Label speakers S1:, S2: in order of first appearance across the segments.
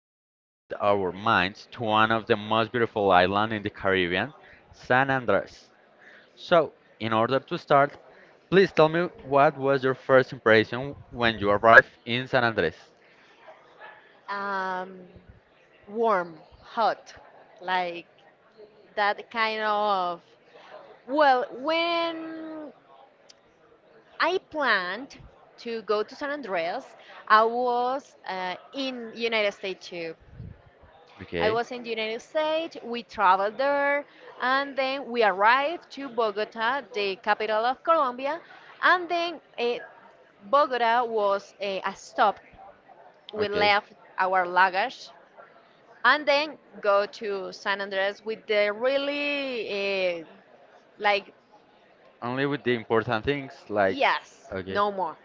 S1: a less with our minds to one of the most beautiful islands in the Caribbean, San Andres. So, in order to start, please tell me what was your first impression when you arrived in San Andres?
S2: um, Warm, hot, like that kind of. Well, when I planned to go to San Andreas, I was in United States too. I
S1: Okay,
S2: was in the United States. We traveled there, and then we arrived to Bogota, the capital of Colombia, and then Bogota was a stop. We
S1: okay.
S2: left our luggage and then go to San Andres with the really like
S1: Only with the important things like,
S2: yes,
S1: okay,
S2: no more.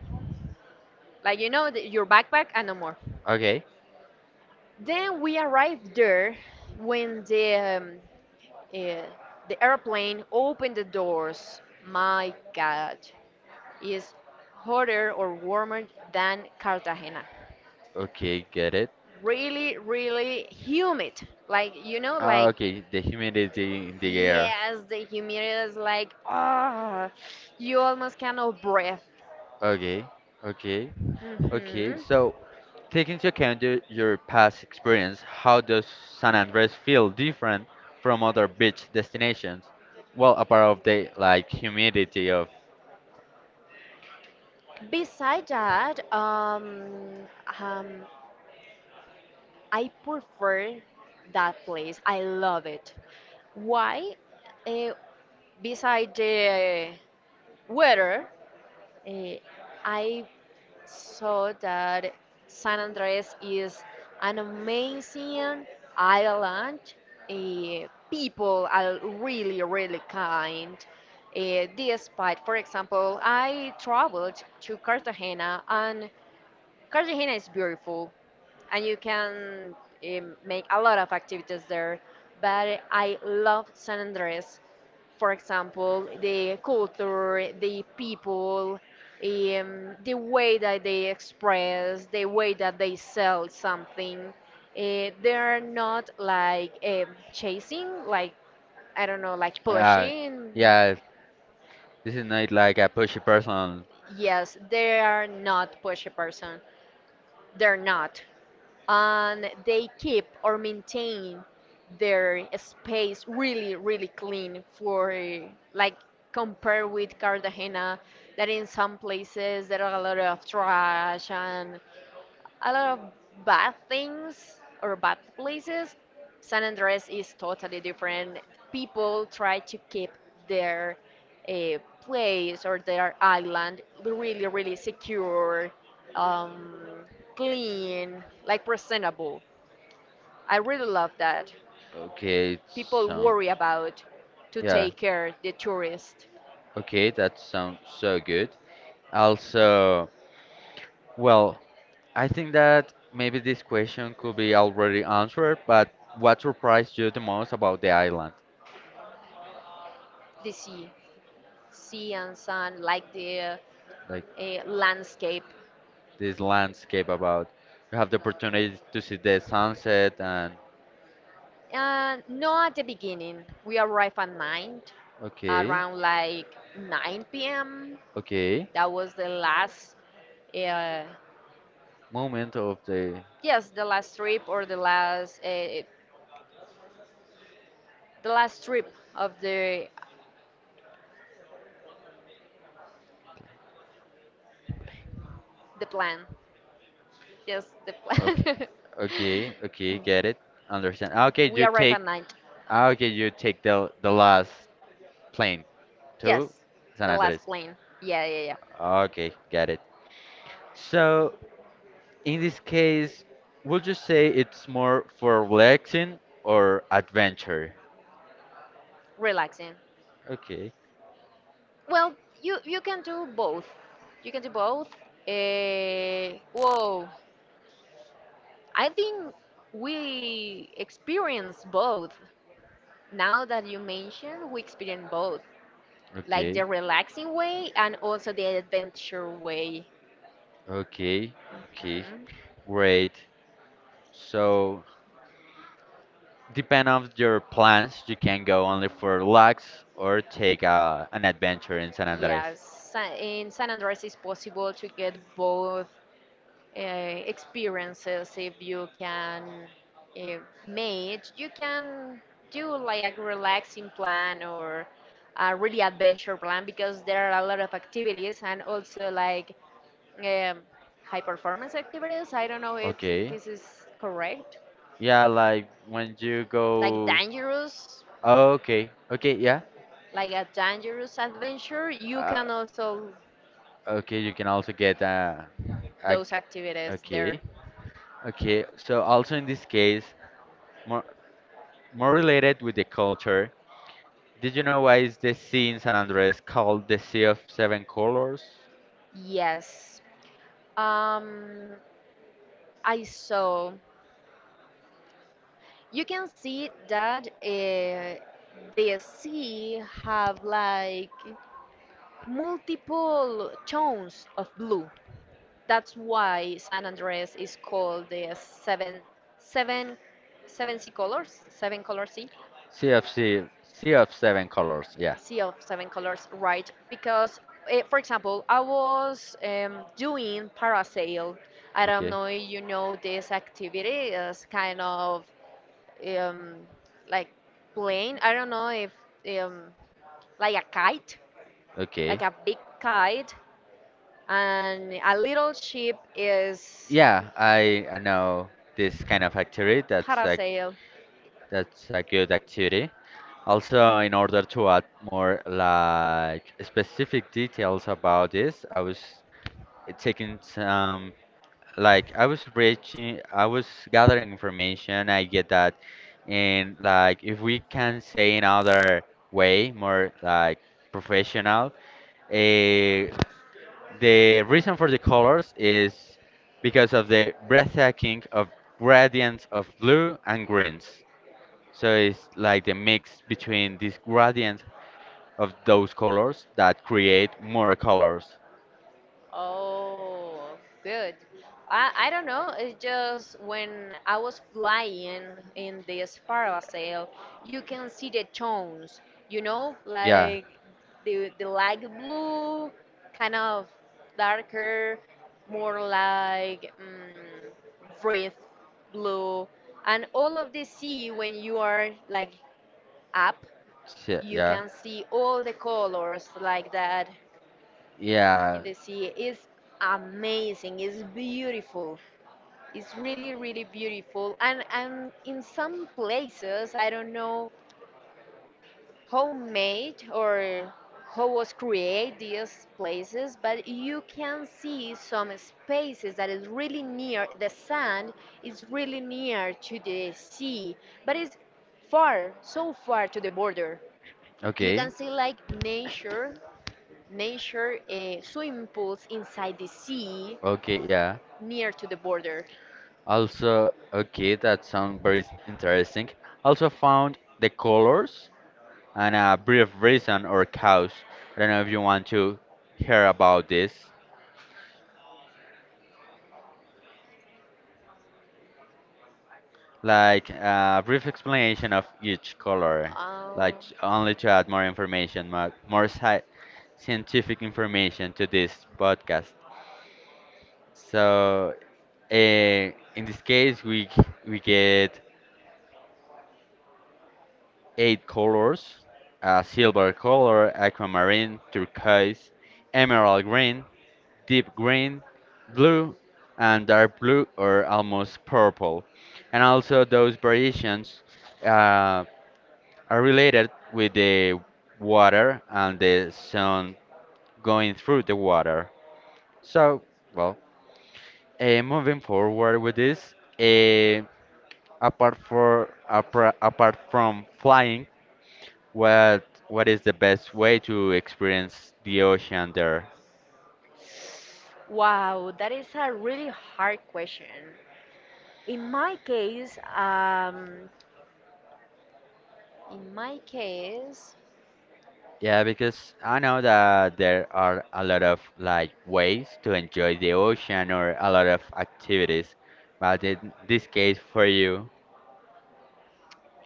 S2: Like you know the, your backpack and no more.
S1: okay,
S2: Then we arrived there when um, uh, the airplane opened the doors. My God, is hotter or warmer than Cartagena.
S1: okay, get it.
S2: Really, really humid. Like you know,
S1: Ah,
S2: like
S1: okay, the humidity in the air.
S2: yes, the humidity is like ah, you almost cannot breathe.
S1: Okay, okay, okay.
S2: hmm
S1: So, take into account your past experience, how does San Andres feel different from other beach destinations? Well, apart of the like humidity of.
S2: Beside that, um, I prefer that place. I love it. Why? Uh, Beside the weather, uh, I so that San Andres is an amazing island. People are really, really kind. Despite, for example, I traveled to Cartagena, and Cartagena is beautiful, and you can make a lot of activities there. But I love San Andres, for example, the culture, the people, the way that they express, the way that they sell something. They're not like chasing, like, I don't know, like
S1: Uh,
S2: pushing.
S1: yeah, this is not like a pushy person.
S2: Yes, they are not pushy person. They're not. And they keep or maintain their space really, really clean, for like compared with Cartagena that in some places there are a lot of trash and a lot of bad things or bad places. San Andres is totally different. People try to keep their place or their island really, really secure, um, clean, like presentable. I really love that.
S1: Okay,
S2: People
S1: sound.
S2: worry about to
S1: Yeah,
S2: take care the tourist,
S1: okay, that sounds so good. Also, well, I think that maybe this question could be already answered, but what surprised you the most about the island?
S2: the sea, sea and sun, like the
S1: Like
S2: landscape.
S1: this landscape about you have the opportunity to see the sunset and
S2: No, at the beginning. We arrived at 9,
S1: okay,
S2: around like 9 p.m.
S1: okay,
S2: That was the last, uh,
S1: moment of the
S2: yes, the last trip or the last, the last trip of the plan. Yes, the
S1: okay,
S2: plan.
S1: okay, okay, get it, understand. Ah, okay,
S2: We
S1: you
S2: arrived
S1: take.
S2: at 9.
S1: Ah, okay, you take the last plane to
S2: Yes,
S1: San
S2: the last
S1: Andres.
S2: plane. Yeah, yeah, yeah.
S1: Ah, okay, get it. So in this case, would you say it's more for relaxing or adventure?
S2: Relaxing.
S1: Okay,
S2: Well, you can do both. You can do both. Whoa. I think we experience both. Now that you mention, we experience both, like
S1: okay,
S2: the relaxing way and also the adventure way.
S1: okay, okay.
S2: Mhm.
S1: Great. So, depend on your plans, you can go only for relax or take an adventure in San Andres.
S2: Yes, in San Andreas, it's possible to get both experiences if you can uh, make you can do like a relaxing plan or a really adventure plan because there are a lot of activities and also like um, high performance activities. I don't know if
S1: Okay.
S2: this is correct,
S1: Yeah, like when you
S2: like
S1: go.
S2: dangerous,
S1: Oh, okay. Okay. Yeah.
S2: like a dangerous adventure. You
S1: Uh,
S2: can also
S1: okay. You can also get a.
S2: those activities there.
S1: Okay. Okay. So also in this case, more. More related with the culture, did you know why is the sea in San Andres called the Sea of Seven Colors?
S2: Yes, um I saw you can see that the sea have like multiple tones of blue. That's why San Andres is called the seven, seven sea colors, seven color sea,
S1: Sea of Seven Colors, yeah.
S2: sea of seven colors, right? Because, for example, I was doing parasail. I don't
S1: Okay,
S2: know if you know this activity. It's kind of um, like plane. I don't know if um, like a kite,
S1: okay.
S2: like a big kite, and a little ship is
S1: Yeah, I know this kind of activity. That's a,
S2: parasail.
S1: that's a good activity. Also, in order to add more like specific details about this, I was it taking some like I was gathering information. I get that, and like if we can say another way more like professional, eh, the reason for the colors is because of the breathtaking of gradients of blue and greens. So it's like the mix between this gradient of those colors that create more colors.
S2: Oh, good. I don't know. It's just when I was flying in the Sparavasail, you can see the tones, you know,
S1: Yeah,
S2: like the light blue, kind of darker, more like breathe blue, and all of the sea when you are like up,
S1: yeah,
S2: you
S1: yeah,
S2: can see all the colors like that in
S1: yeah.
S2: the sea is amazing. It's beautiful. It's really, really beautiful. And in some places I don't know how made or how was created these places, but you can see some spaces that is really near the sand, is really near to the sea, but it's far, so far to the border. You
S1: Okay,
S2: can see like nature, nature swimming pools inside the sea,
S1: okay, yeah.
S2: near to the border?
S1: Also, okay, that sounds very interesting. Also found the colors and a brief reason or cause. I don't know if you want to hear about this. Like a brief explanation of each color, like
S2: Oh,
S1: only to add more information, more scientific information to this podcast. So, uh, in this case, we get eight colors: a silver color, aquamarine, turquoise, emerald green, deep green, blue, and dark blue or almost purple. And also, those variations uh, are related with the water and the sun going through the water. So, well, moving forward with this, uh, apart from flying, what is the best way to experience the ocean there?
S2: wow, that is a really hard question. In my case, um, in my case,
S1: Yeah, because I know that there are a lot of like ways to enjoy the ocean or a lot of activities, but in this case for you,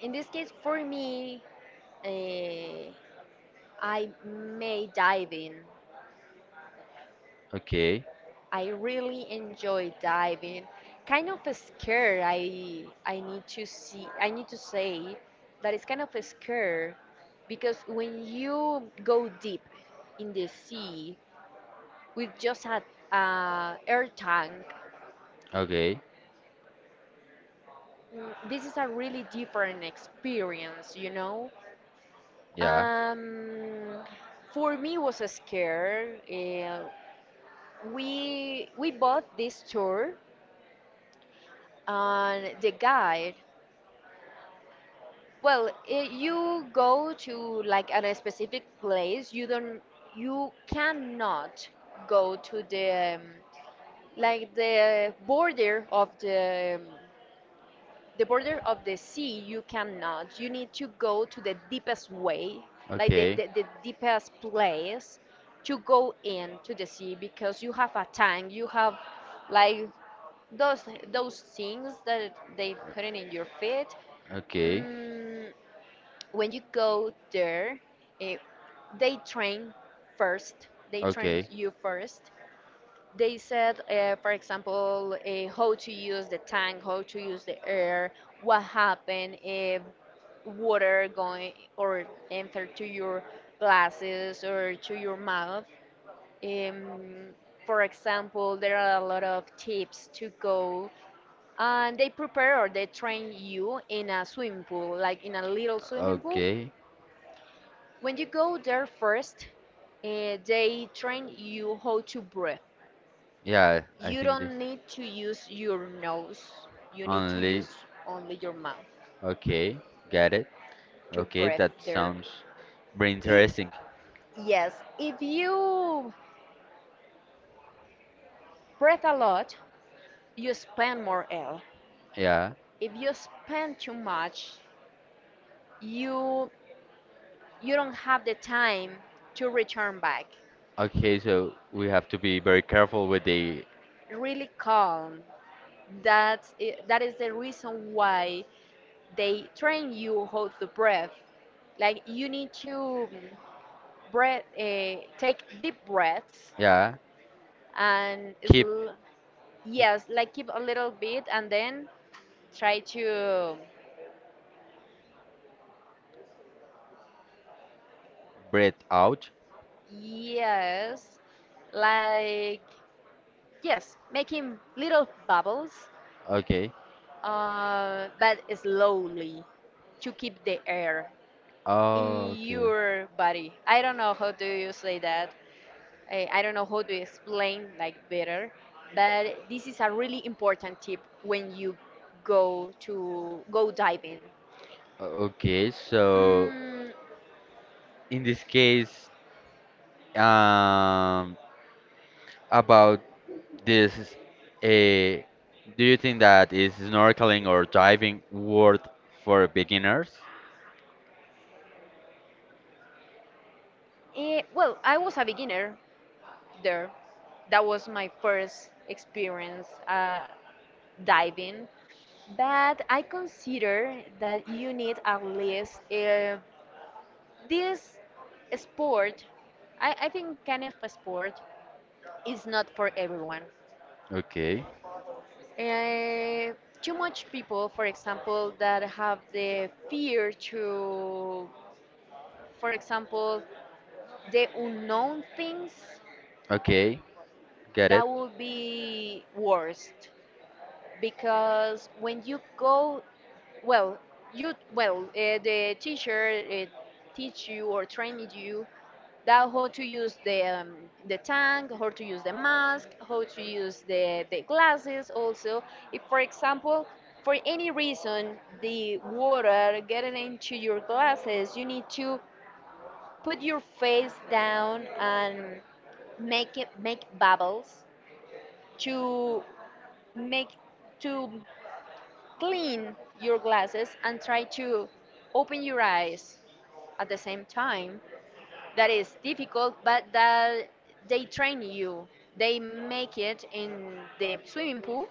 S2: in this case for me, uh, I may dive in.
S1: okay,
S2: I really enjoy diving. Kind of scared. I need to see. I need to say that it's kind of scared because when you go deep in the sea with just a air tank,
S1: okay,
S2: this is a really different experience. You know.
S1: yeah,
S2: Um, for me it was a scare. We bought this tour and the guide. Well, you go to like a specific place. You don't, you cannot go to the like the border of the border of the sea. You cannot. You need to go to the deepest way, like
S1: okay,
S2: the deepest place to go into the sea because you have a tank. You have like those those things that they
S1: Uh,
S2: put in your feet.
S1: okay.
S2: Mm, when you go there, eh, they train first. They train
S1: Okay.
S2: you first. They said, for example, how to use the tank, how to use the air, what happened if water going or enter to your glasses or to your mouth. Um, for example, there are a lot of tips to go, and they prepare or they train you in a swimming pool, like in a little swimming pool.
S1: Okay.
S2: When you go there first, they train you how to breathe.
S1: Yeah, I
S2: You
S1: think this
S2: don't need to use your nose. You need to
S1: only.
S2: use only your mouth
S1: Okay, got it.
S2: to
S1: Okay,
S2: breathe
S1: that
S2: there.
S1: sounds very
S2: I
S1: interesting.
S2: Yes, if you breathe a lot, you spend more air.
S1: Yeah.
S2: If you spend too much, you you don't have the time to return back.
S1: Okay, so we have to be very careful with the,
S2: Really calm. That is the reason why they train you hold the breath. Like you need to breath, take deep breaths
S1: yeah,
S2: and
S1: keep,
S2: yes, like keep a little bit and then try to,
S1: breath out.
S2: yes, like yes, making little bubbles,
S1: Okay.
S2: but slowly to keep the air in
S1: Oh, okay.
S2: your body. I don't know how do you say that, I don't know how to explain like better, but this is a really important tip when you go to go diving.
S1: Okay, so
S2: Mm,
S1: in this case, um, about this, uh, do you think that is snorkeling or diving worth for beginners?
S2: well, I was a beginner there. That was my first experience diving, but I consider that you need at least this sport. I think kind of a sport is not for everyone.
S1: Okay,
S2: Uh, Too much people, for example, that have the fear to, for example, the unknown things,
S1: okay, get it.
S2: that will be worst because when you go, well, you well, the teacher teach you or train you that how to use the tank, how to use the mask, how to use the glasses. Also, if for example, for any reason the water getting into your glasses, you need to put your face down and make it make bubbles to make to clean your glasses and try to open your eyes at the same time. That is difficult, but that they train you. They make it in the swimming pool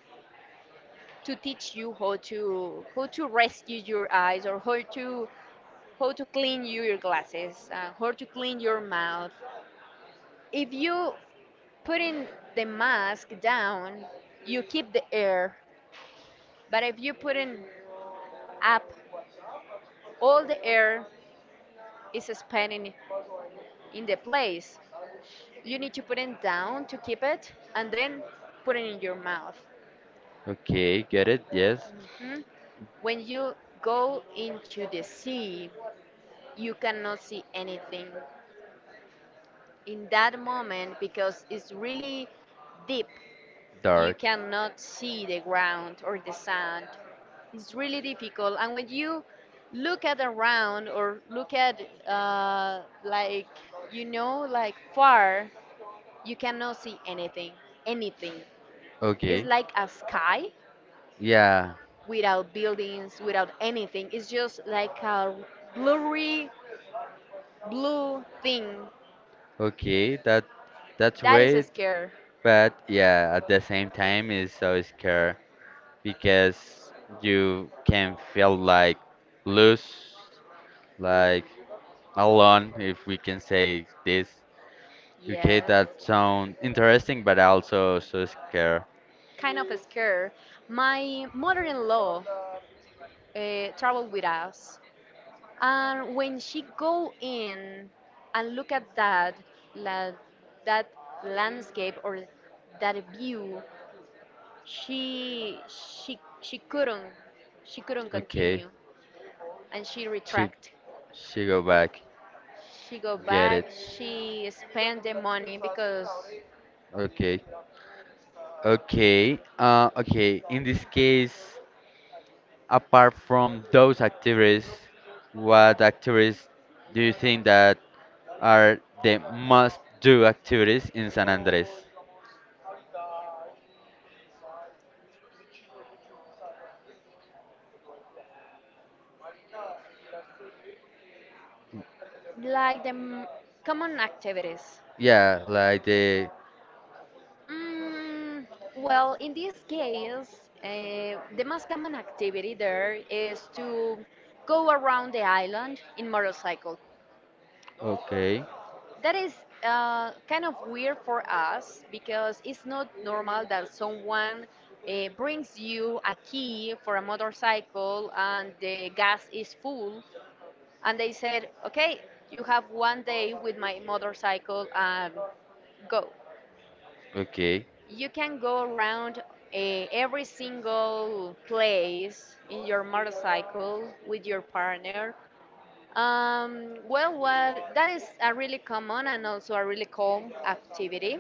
S2: to teach you how to, how to rescue your eyes, or how to, how to clean you your glasses, how to clean your mouth. If you put in the mask down, you keep the air, but if you put in up, all the air is spending in the place. You need to put it down to keep it, and then put it in your mouth.
S1: Okay, get it. Yes,
S2: Hmm? When you go into the sea, you cannot see anything. In that moment, because it's really deep, you
S1: dark.
S2: cannot see the ground or the sand. It's really difficult. And when you look at around or look at like you know like far, you cannot see anything. Anything. It's
S1: Okay,
S2: like a sky,
S1: yeah.
S2: without buildings, without anything. It's just like a blurry blue thing.
S1: Okay, that's
S2: That is a
S1: great,
S2: scare.
S1: but yeah, at the same time, it's so scary because you can feel like loose, like alone, if we can say this. Okay,
S2: Yes.
S1: that sound interesting, but also so scared.
S2: Kind of a scare. My mother-in-law traveled with us, and when she go in and look at that la, that landscape or that view, she couldn't, she couldn't
S1: Okay,
S2: continue, and she
S1: she
S2: retract.
S1: she go back,
S2: She go
S1: get it.
S2: back. She spend the money because,
S1: Okay, okay, okay. In this case, apart from those activities, what activities do you think that are the must-do activities in San Andres?
S2: like the common activities.
S1: Yeah, like the
S2: Mm, well, in this case, the most common activity there is to go around the island in motorcycle.
S1: okay,
S2: That is kind of weird for us because it's not normal that someone brings you a key for a motorcycle and the gas is full and they said, okay, you have one day with my motorcycle and go.
S1: okay,
S2: You can go around every single place in your motorcycle with your partner. Well, what that is a really common and also a really cool activity.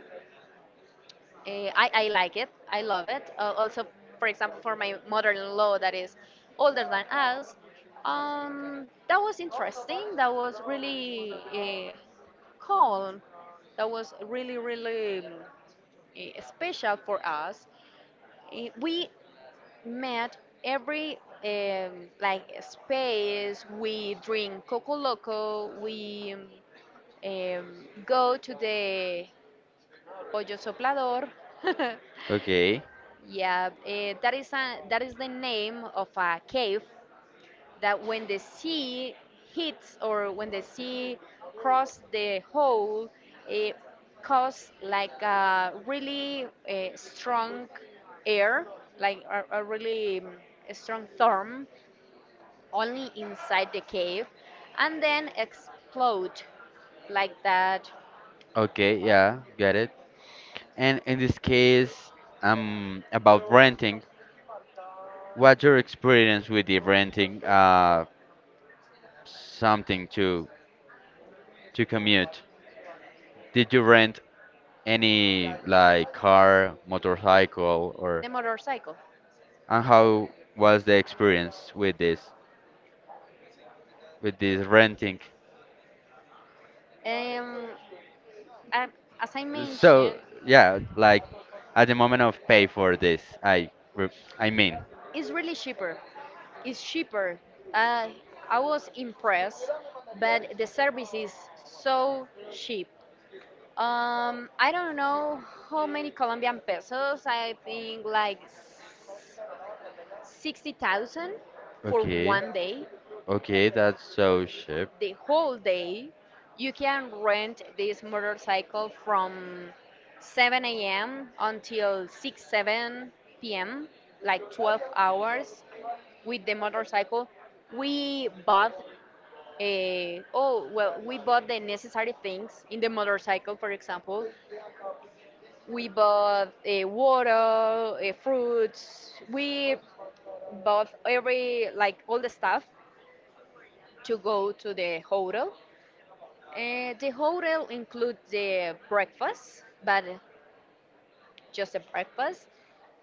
S2: I like it. I love it. Also, for example, for my mother-in-law that is older than us, that was interesting. That was really uh, calm. That was really, really special for us. We met every like space. We drink coco loco. We go to the pollo soplador.
S1: okay,
S2: Yeah, that is the name of a cave that when the sea hits or when the sea crosses the hole, it causes like a really strong air, like a really a strong storm, only inside the cave, and then explode like that
S1: okay. Yeah, get it. And in this case, about renting, what's your experience with the renting something to commute? Did you rent any like car, motorcycle,
S2: the
S1: or
S2: motorcycle.
S1: and how was the experience with this renting?
S2: Um, I- as I
S1: So
S2: mentioned.
S1: yeah, like at the moment of pay for this, I mean,
S2: It's really cheaper. It's cheaper. I I was impressed, but the service is so cheap. I don't know how many Colombian pesos. I think like 60,000 for
S1: okay,
S2: 1 day.
S1: okay, that's so cheap.
S2: The whole day, you can rent this motorcycle from 7 a.m. until 6, 7 p.m., like 12 hours. With the motorcycle, we bought we bought the necessary things in the motorcycle. For example, we bought water, fruits. We bought every like all the stuff to go to the hotel. The hotel includes the breakfast, but just the breakfast.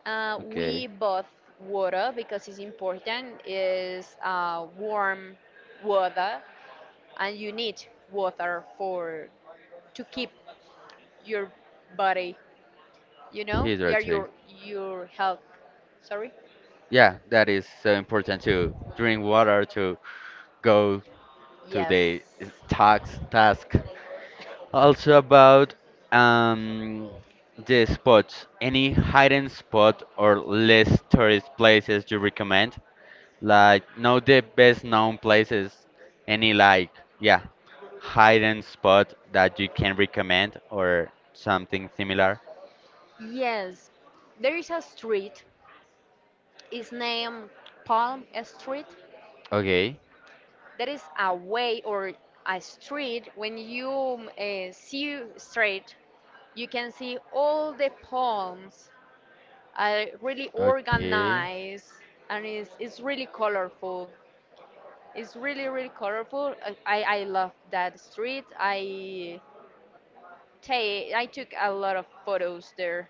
S1: Okay.
S2: We bought water because it's important. Is warm water and you need water for to keep your body, you know, yeah,
S1: Hydrate.
S2: your health, sorry.
S1: Yeah, that is so important to drink water to go to
S2: Yes,
S1: the task. Also about um, the spots. Any hidden spot or less tourist places you recommend? Like know the best known places, any like, yeah, hidden spot that you can recommend or something similar.
S2: yes, there is a street. It's named palm street,
S1: Okay,
S2: that is a way or a street when you see straight, you can see all the palms are really
S1: okay,
S2: organized. And it's really colorful. It's really, really colorful. I love that street. I took a lot of photos there.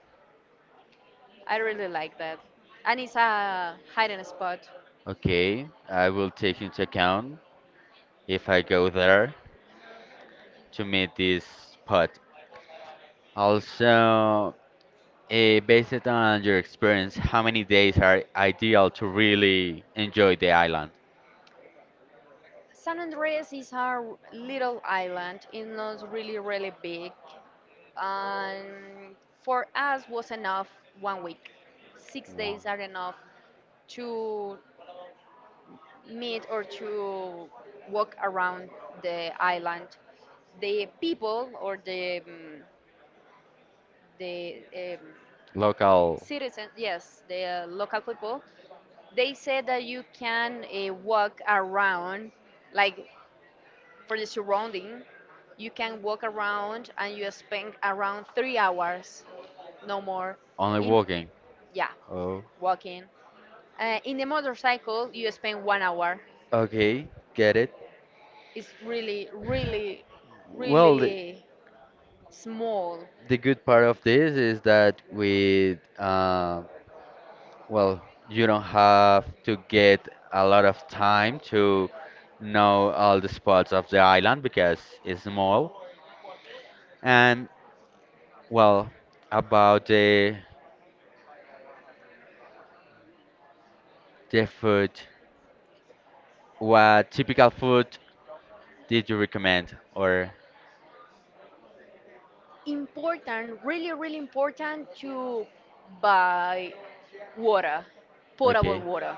S2: I really like that. And it's a hidden spot.
S1: okay, I will take into account if I go there to meet this spot. Also, based on your experience, how many days are ideal to really enjoy the island?
S2: San Andreas is a little island. It's not really, really big. And for us was enough 1 week. Six
S1: One.
S2: days are enough to meet or to walk around the island, the people or the
S1: Local.
S2: citizens, yes, the local people, they said that you can walk around, like for the surrounding, you can walk around and you spend around 3 hours, no more,
S1: Only
S2: in,
S1: walking.
S2: yeah,
S1: Oh,
S2: walking. In the motorcycle, you spend 1 hour.
S1: okay, get it.
S2: Is really, really,
S1: Well, the,
S2: really small.
S1: the good part of this is that with, well, you don't have to get a lot of time to know all the spots of the island because it's small. And, well, about the food, what typical food did you recommend? Or,
S2: Important, really, really important to buy water, potable
S1: okay,
S2: water,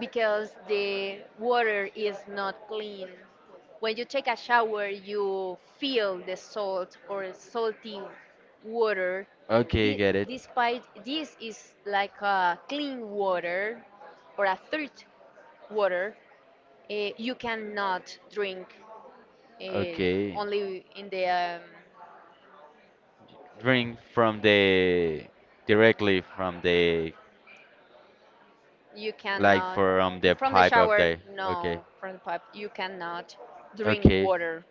S2: because the water is not clean. When you take a shower, you feel the salt or salty water.
S1: okay,
S2: Thi-
S1: get it.
S2: Despite this is like a clean water or a third water, you cannot drink, eh,
S1: Okay.
S2: only in the
S1: Drink from the directly from the.
S2: you
S1: Like
S2: cannot.
S1: from the
S2: From the
S1: pipe of
S2: shower,
S1: the. Okay.
S2: no, from the pipe you cannot drink
S1: Okay.
S2: water.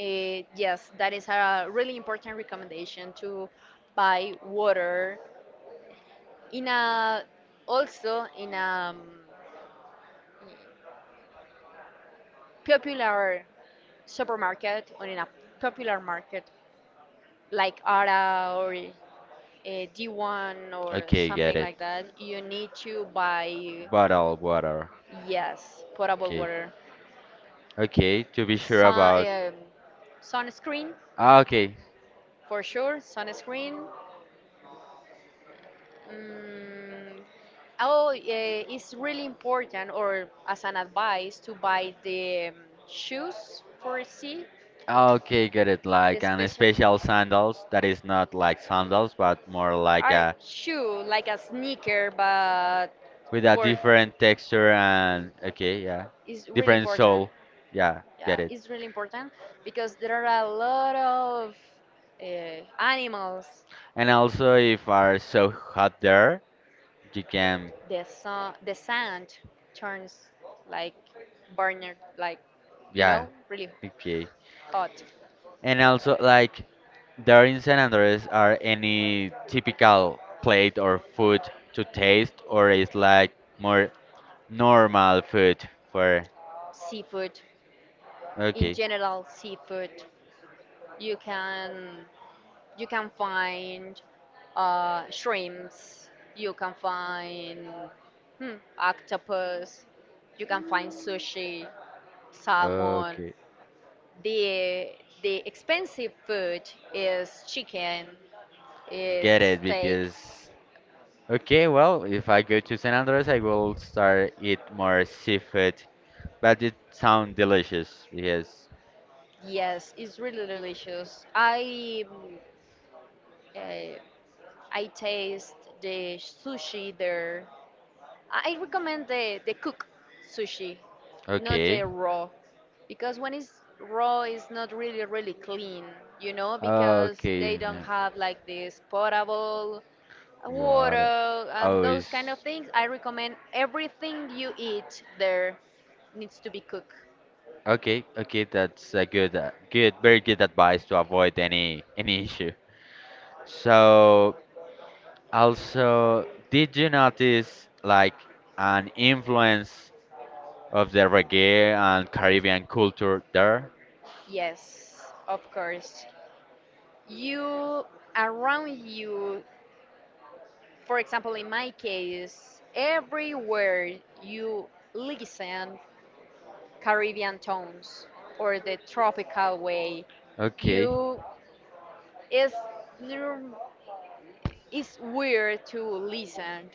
S2: Yes, that is a really important recommendation to buy water in a, also in a, popular supermarket or in a popular market like ara or d1 or
S1: Okay, get
S2: something
S1: it.
S2: like that you need to buy.
S1: Bottle water.
S2: Yes, potable
S1: Okay.
S2: water.
S1: Okay, to be sure
S2: Sun,
S1: about.
S2: um, Sunscreen
S1: Ah, okay.
S2: for sure. Sunscreen. Mm, oh, it's really important, or as an advice, to buy the shoes for sea.
S1: Ah, okay, get it.
S2: The
S1: Like an
S2: special
S1: special sandals that is not like sandals, but more like
S2: are
S1: a
S2: shoe like a sneaker, but
S1: with a
S2: for
S1: different texture and okay, yeah,
S2: is really
S1: different
S2: important.
S1: sole. Yeah, get
S2: Yeah,
S1: it.
S2: it's really important because there are a lot of animals.
S1: And also, if are so hot there, you can.
S2: The sun, the sand turns like burner, like, you
S1: Yeah.
S2: know, really
S1: Okay.
S2: hot.
S1: And also, like, there in San Andres are any typical plate or food to taste, or is like more normal food for.
S2: Seafood, in
S1: Okay.
S2: general, seafood. You can you can find shrimps. You can find, octopus. You can find sushi, salmon.
S1: Okay.
S2: The the expensive food is chicken, is
S1: Get it
S2: steak.
S1: because. Okay, well, if I go to San Andres, I will start eat more seafood, but it sound delicious. Yes.
S2: Yes, it's really delicious. Uh, I taste the sushi there. I recommend the cook sushi, not
S1: Okay.
S2: the raw, because when it's raw, it's not really really clean, you know, because they
S1: Okay,
S2: don't have like this potable
S1: water.
S2: water and
S1: Oh,
S2: those
S1: is
S2: kind of things. I recommend everything you eat there needs to be cooked.
S1: okay. Okay, that's a good, very good advice to avoid any issue. So, also, did you notice like an influence of the reggae and Caribbean culture there?
S2: Yes, of course. You, around you, for example, in my case, everywhere you listen Caribbean tones or the tropical way.
S1: Okay.
S2: You, it's nor- it's weird to listen,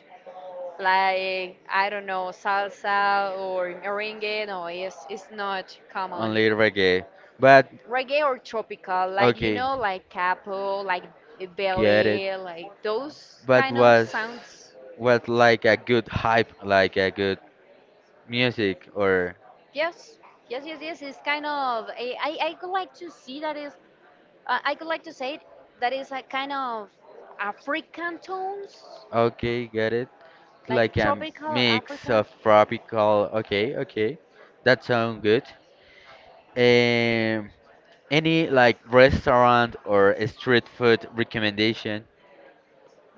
S2: like, I don't know, salsa or merengue, no, it's not common.
S1: Only reggae. But
S2: Reggae or tropical, like, you
S1: okay,
S2: know, like capo, like
S1: get it.
S2: belly, like those
S1: But
S2: kind of
S1: was
S2: sounds.
S1: was like a good hype, like a good music, or
S2: Yes, yes, yes, yes. It's kind of a, I could like to see that is, I could like to say it, that is a kind of African tones,
S1: okay, get it?
S2: like
S1: Like a
S2: tropical
S1: mix
S2: African.
S1: of tropical. Okay, okay, that sound good. Um, any like restaurant or a street food recommendation?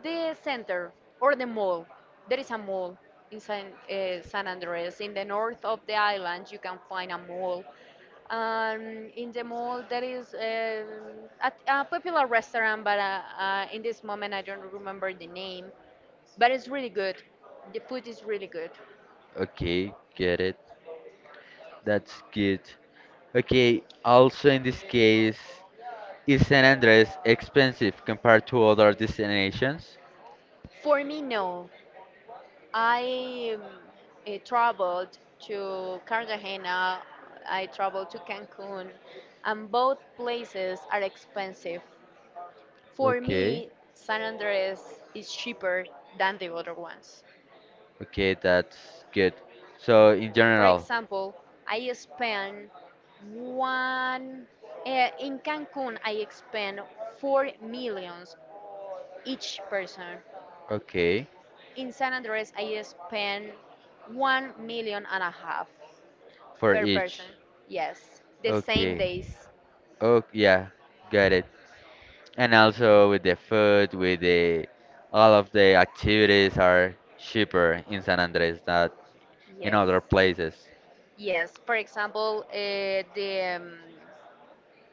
S2: The center or the mall. There is a mall in San Andres. In the north of the island, you can find a mall. In the mall, there is, a, popular restaurant, but in this moment, I don't remember the name. But it's really good. The food is really good.
S1: Okay, get it. That's good. Okay, also in this case, is San Andres expensive compared to other destinations?
S2: For me, no. I traveled to Cartagena, I traveled to Cancun, and both places are expensive. For
S1: Okay.
S2: me, San Andres is cheaper than the other ones.
S1: Okay, that's good. So in
S2: For
S1: general,
S2: example, I spend one in Cancun. I spend 4 millions each person.
S1: okay,
S2: In San Andres, I spend 1 million and a half
S1: for
S2: per
S1: each.
S2: person. Yes, the same
S1: Okay.
S2: days.
S1: Oh yeah, got it. And also with the food, with the all of the activities are cheaper in San Andres than in
S2: Yes,
S1: other places.
S2: yes. For example, the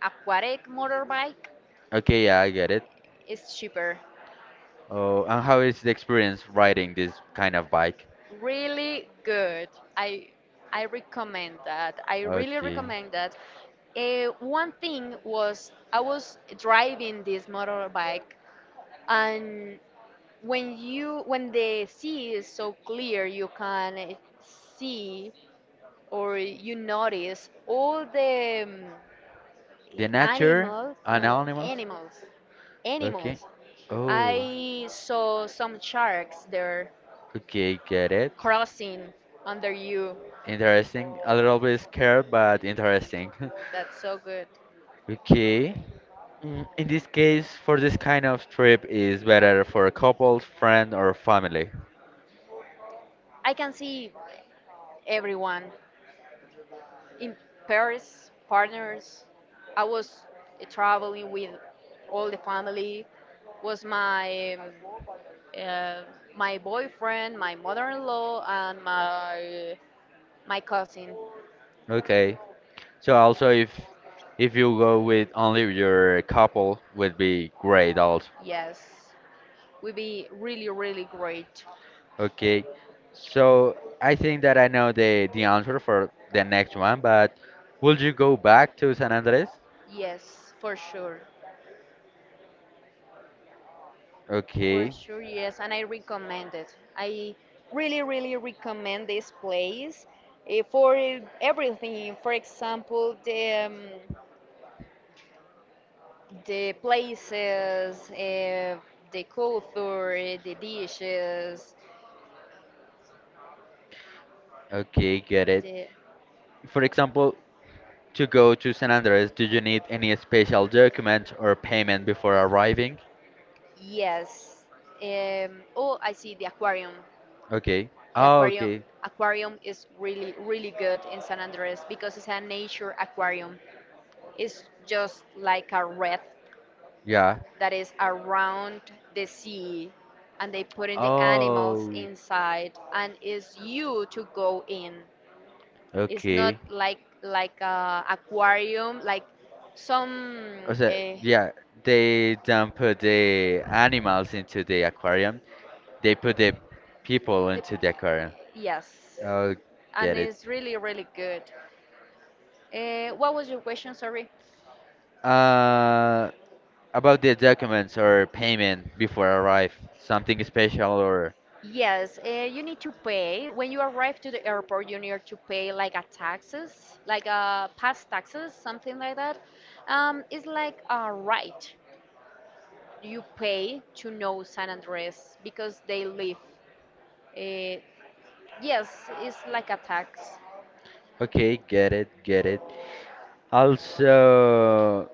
S2: aquatic motorbike
S1: Okay, yeah, I get it.
S2: is cheaper.
S1: Oh, and how is the experience riding this kind of bike?
S2: Really good. I I recommend that. I really
S1: Okay.
S2: recommend that. One thing was I was driving this motorbike and when you, when the sea is so clear, you can see or you notice all the
S1: The nature
S2: animals,
S1: and
S2: no,
S1: animals?
S2: animals,
S1: Okay.
S2: animals.
S1: Oh,
S2: I saw some sharks there
S1: okay, get it.
S2: crossing under you.
S1: Interesting. A little bit scared, but interesting.
S2: That's so good.
S1: Okay. In this case, for this kind of trip is better for couples, friend, or family.
S2: I can see everyone in Paris partners. I was traveling with all the family. Was my uh, my boyfriend, my mother-in-law, and my cousin.
S1: Okay. So also if you go with only your couple would be great also.
S2: Yes, would be really really great.
S1: Okay. So I think that I know the answer for the next one, but would you go back to San Andres?
S2: Yes, for sure, for
S1: Okay.
S2: sure. Yes, and I recommend it. I really really recommend this place for everything. For example, the places, the culture, the dishes,
S1: Okay, get it.
S2: the.
S1: For example, to go to San Andres, do you need any special document or payment before arriving?
S2: Yes. Oh, I see the aquarium.
S1: Okay.
S2: The
S1: Oh,
S2: aquarium
S1: okay.
S2: aquarium is really really good in San Andres because it's a nature aquarium. It's just like a red
S1: Yeah.
S2: that is around the sea and they put in the animals
S1: Oh,
S2: inside and it's you to go in. It's not
S1: okay.
S2: like a aquarium like some,
S1: O sea,
S2: uh,
S1: yeah, they don't put the animals into the aquarium. They put the people
S2: the,
S1: into the aquarium.
S2: yes,
S1: Oh,
S2: and
S1: get it.
S2: it's really, really good. What was your question? Sorry.
S1: Uh, about the documents or payment before arrive, something special or
S2: Yes, you need to pay. When you arrive to the airport, you need to pay like a taxes, like a pass taxes, something like that. It's like a right you pay to know San Andres because they live. Uh, yes, it's like a tax.
S1: okay, get it, get it. Also,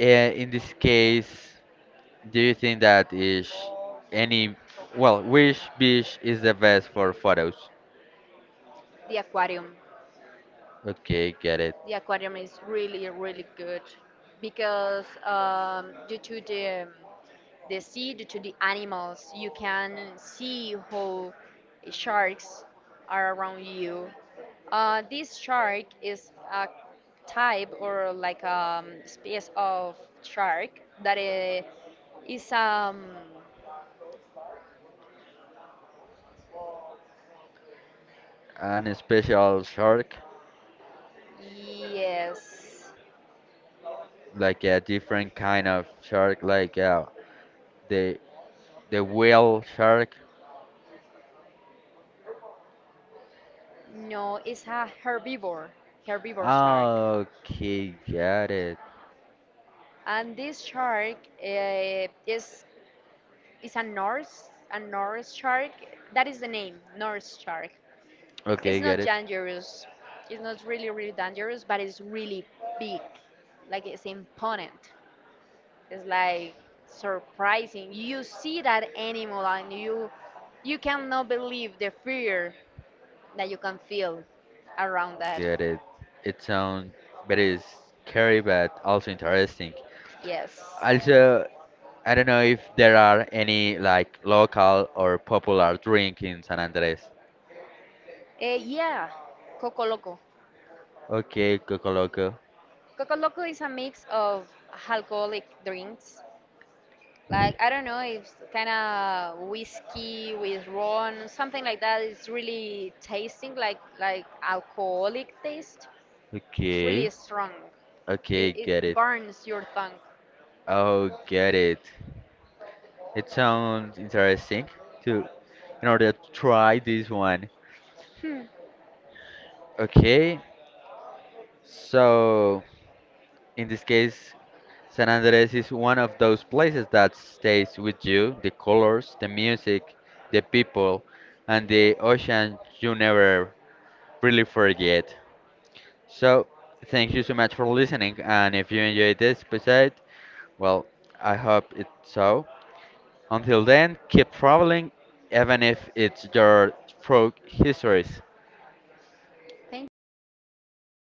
S1: in this case, do you think that is any, well, which beach is the best for photos?
S2: The aquarium.
S1: Okay, get it.
S2: The aquarium is really, really good because, due to the sea, due to the animals, you can see how sharks are around you. This shark is a type or like a species of shark that, is
S1: An special shark,
S2: yes,
S1: like a different kind of shark, like the the whale shark.
S2: no, it's a herbivore shark.
S1: Ah, okay, got it.
S2: And this shark, is a Norse shark. That is the name, Norse shark. It's
S1: Okay, got
S2: not
S1: it.
S2: dangerous. It's not really really dangerous, but it's really big. Like it's imponent. It's like surprising. You see that animal and you cannot believe the fear that you can feel around that.
S1: Get it. It sounds very scary, but also interesting.
S2: Yes.
S1: Also, I don't know if there are any like local or popular drink in San Andres.
S2: Yeah, Coco Loco.
S1: Okay, Coco Loco.
S2: Coco Loco is a mix of alcoholic drinks. Like, I don't know, it's kind of whiskey with rum, something like that. It's really tasting like alcoholic taste. It's really
S1: Okay.
S2: strong. It,
S1: Okay,
S2: it
S1: get it.
S2: burns your tongue.
S1: Oh, get it. It sounds interesting to in order to try this one. Okay. So, in this case, San Andres is one of those places that stays with you, the colors, the music, the people, and the ocean you never really forget. So, thank you so much for listening, and if you enjoyed this episode, well, I hope it so. Until then, keep traveling, even if it's your frog histories.
S2: Thank you.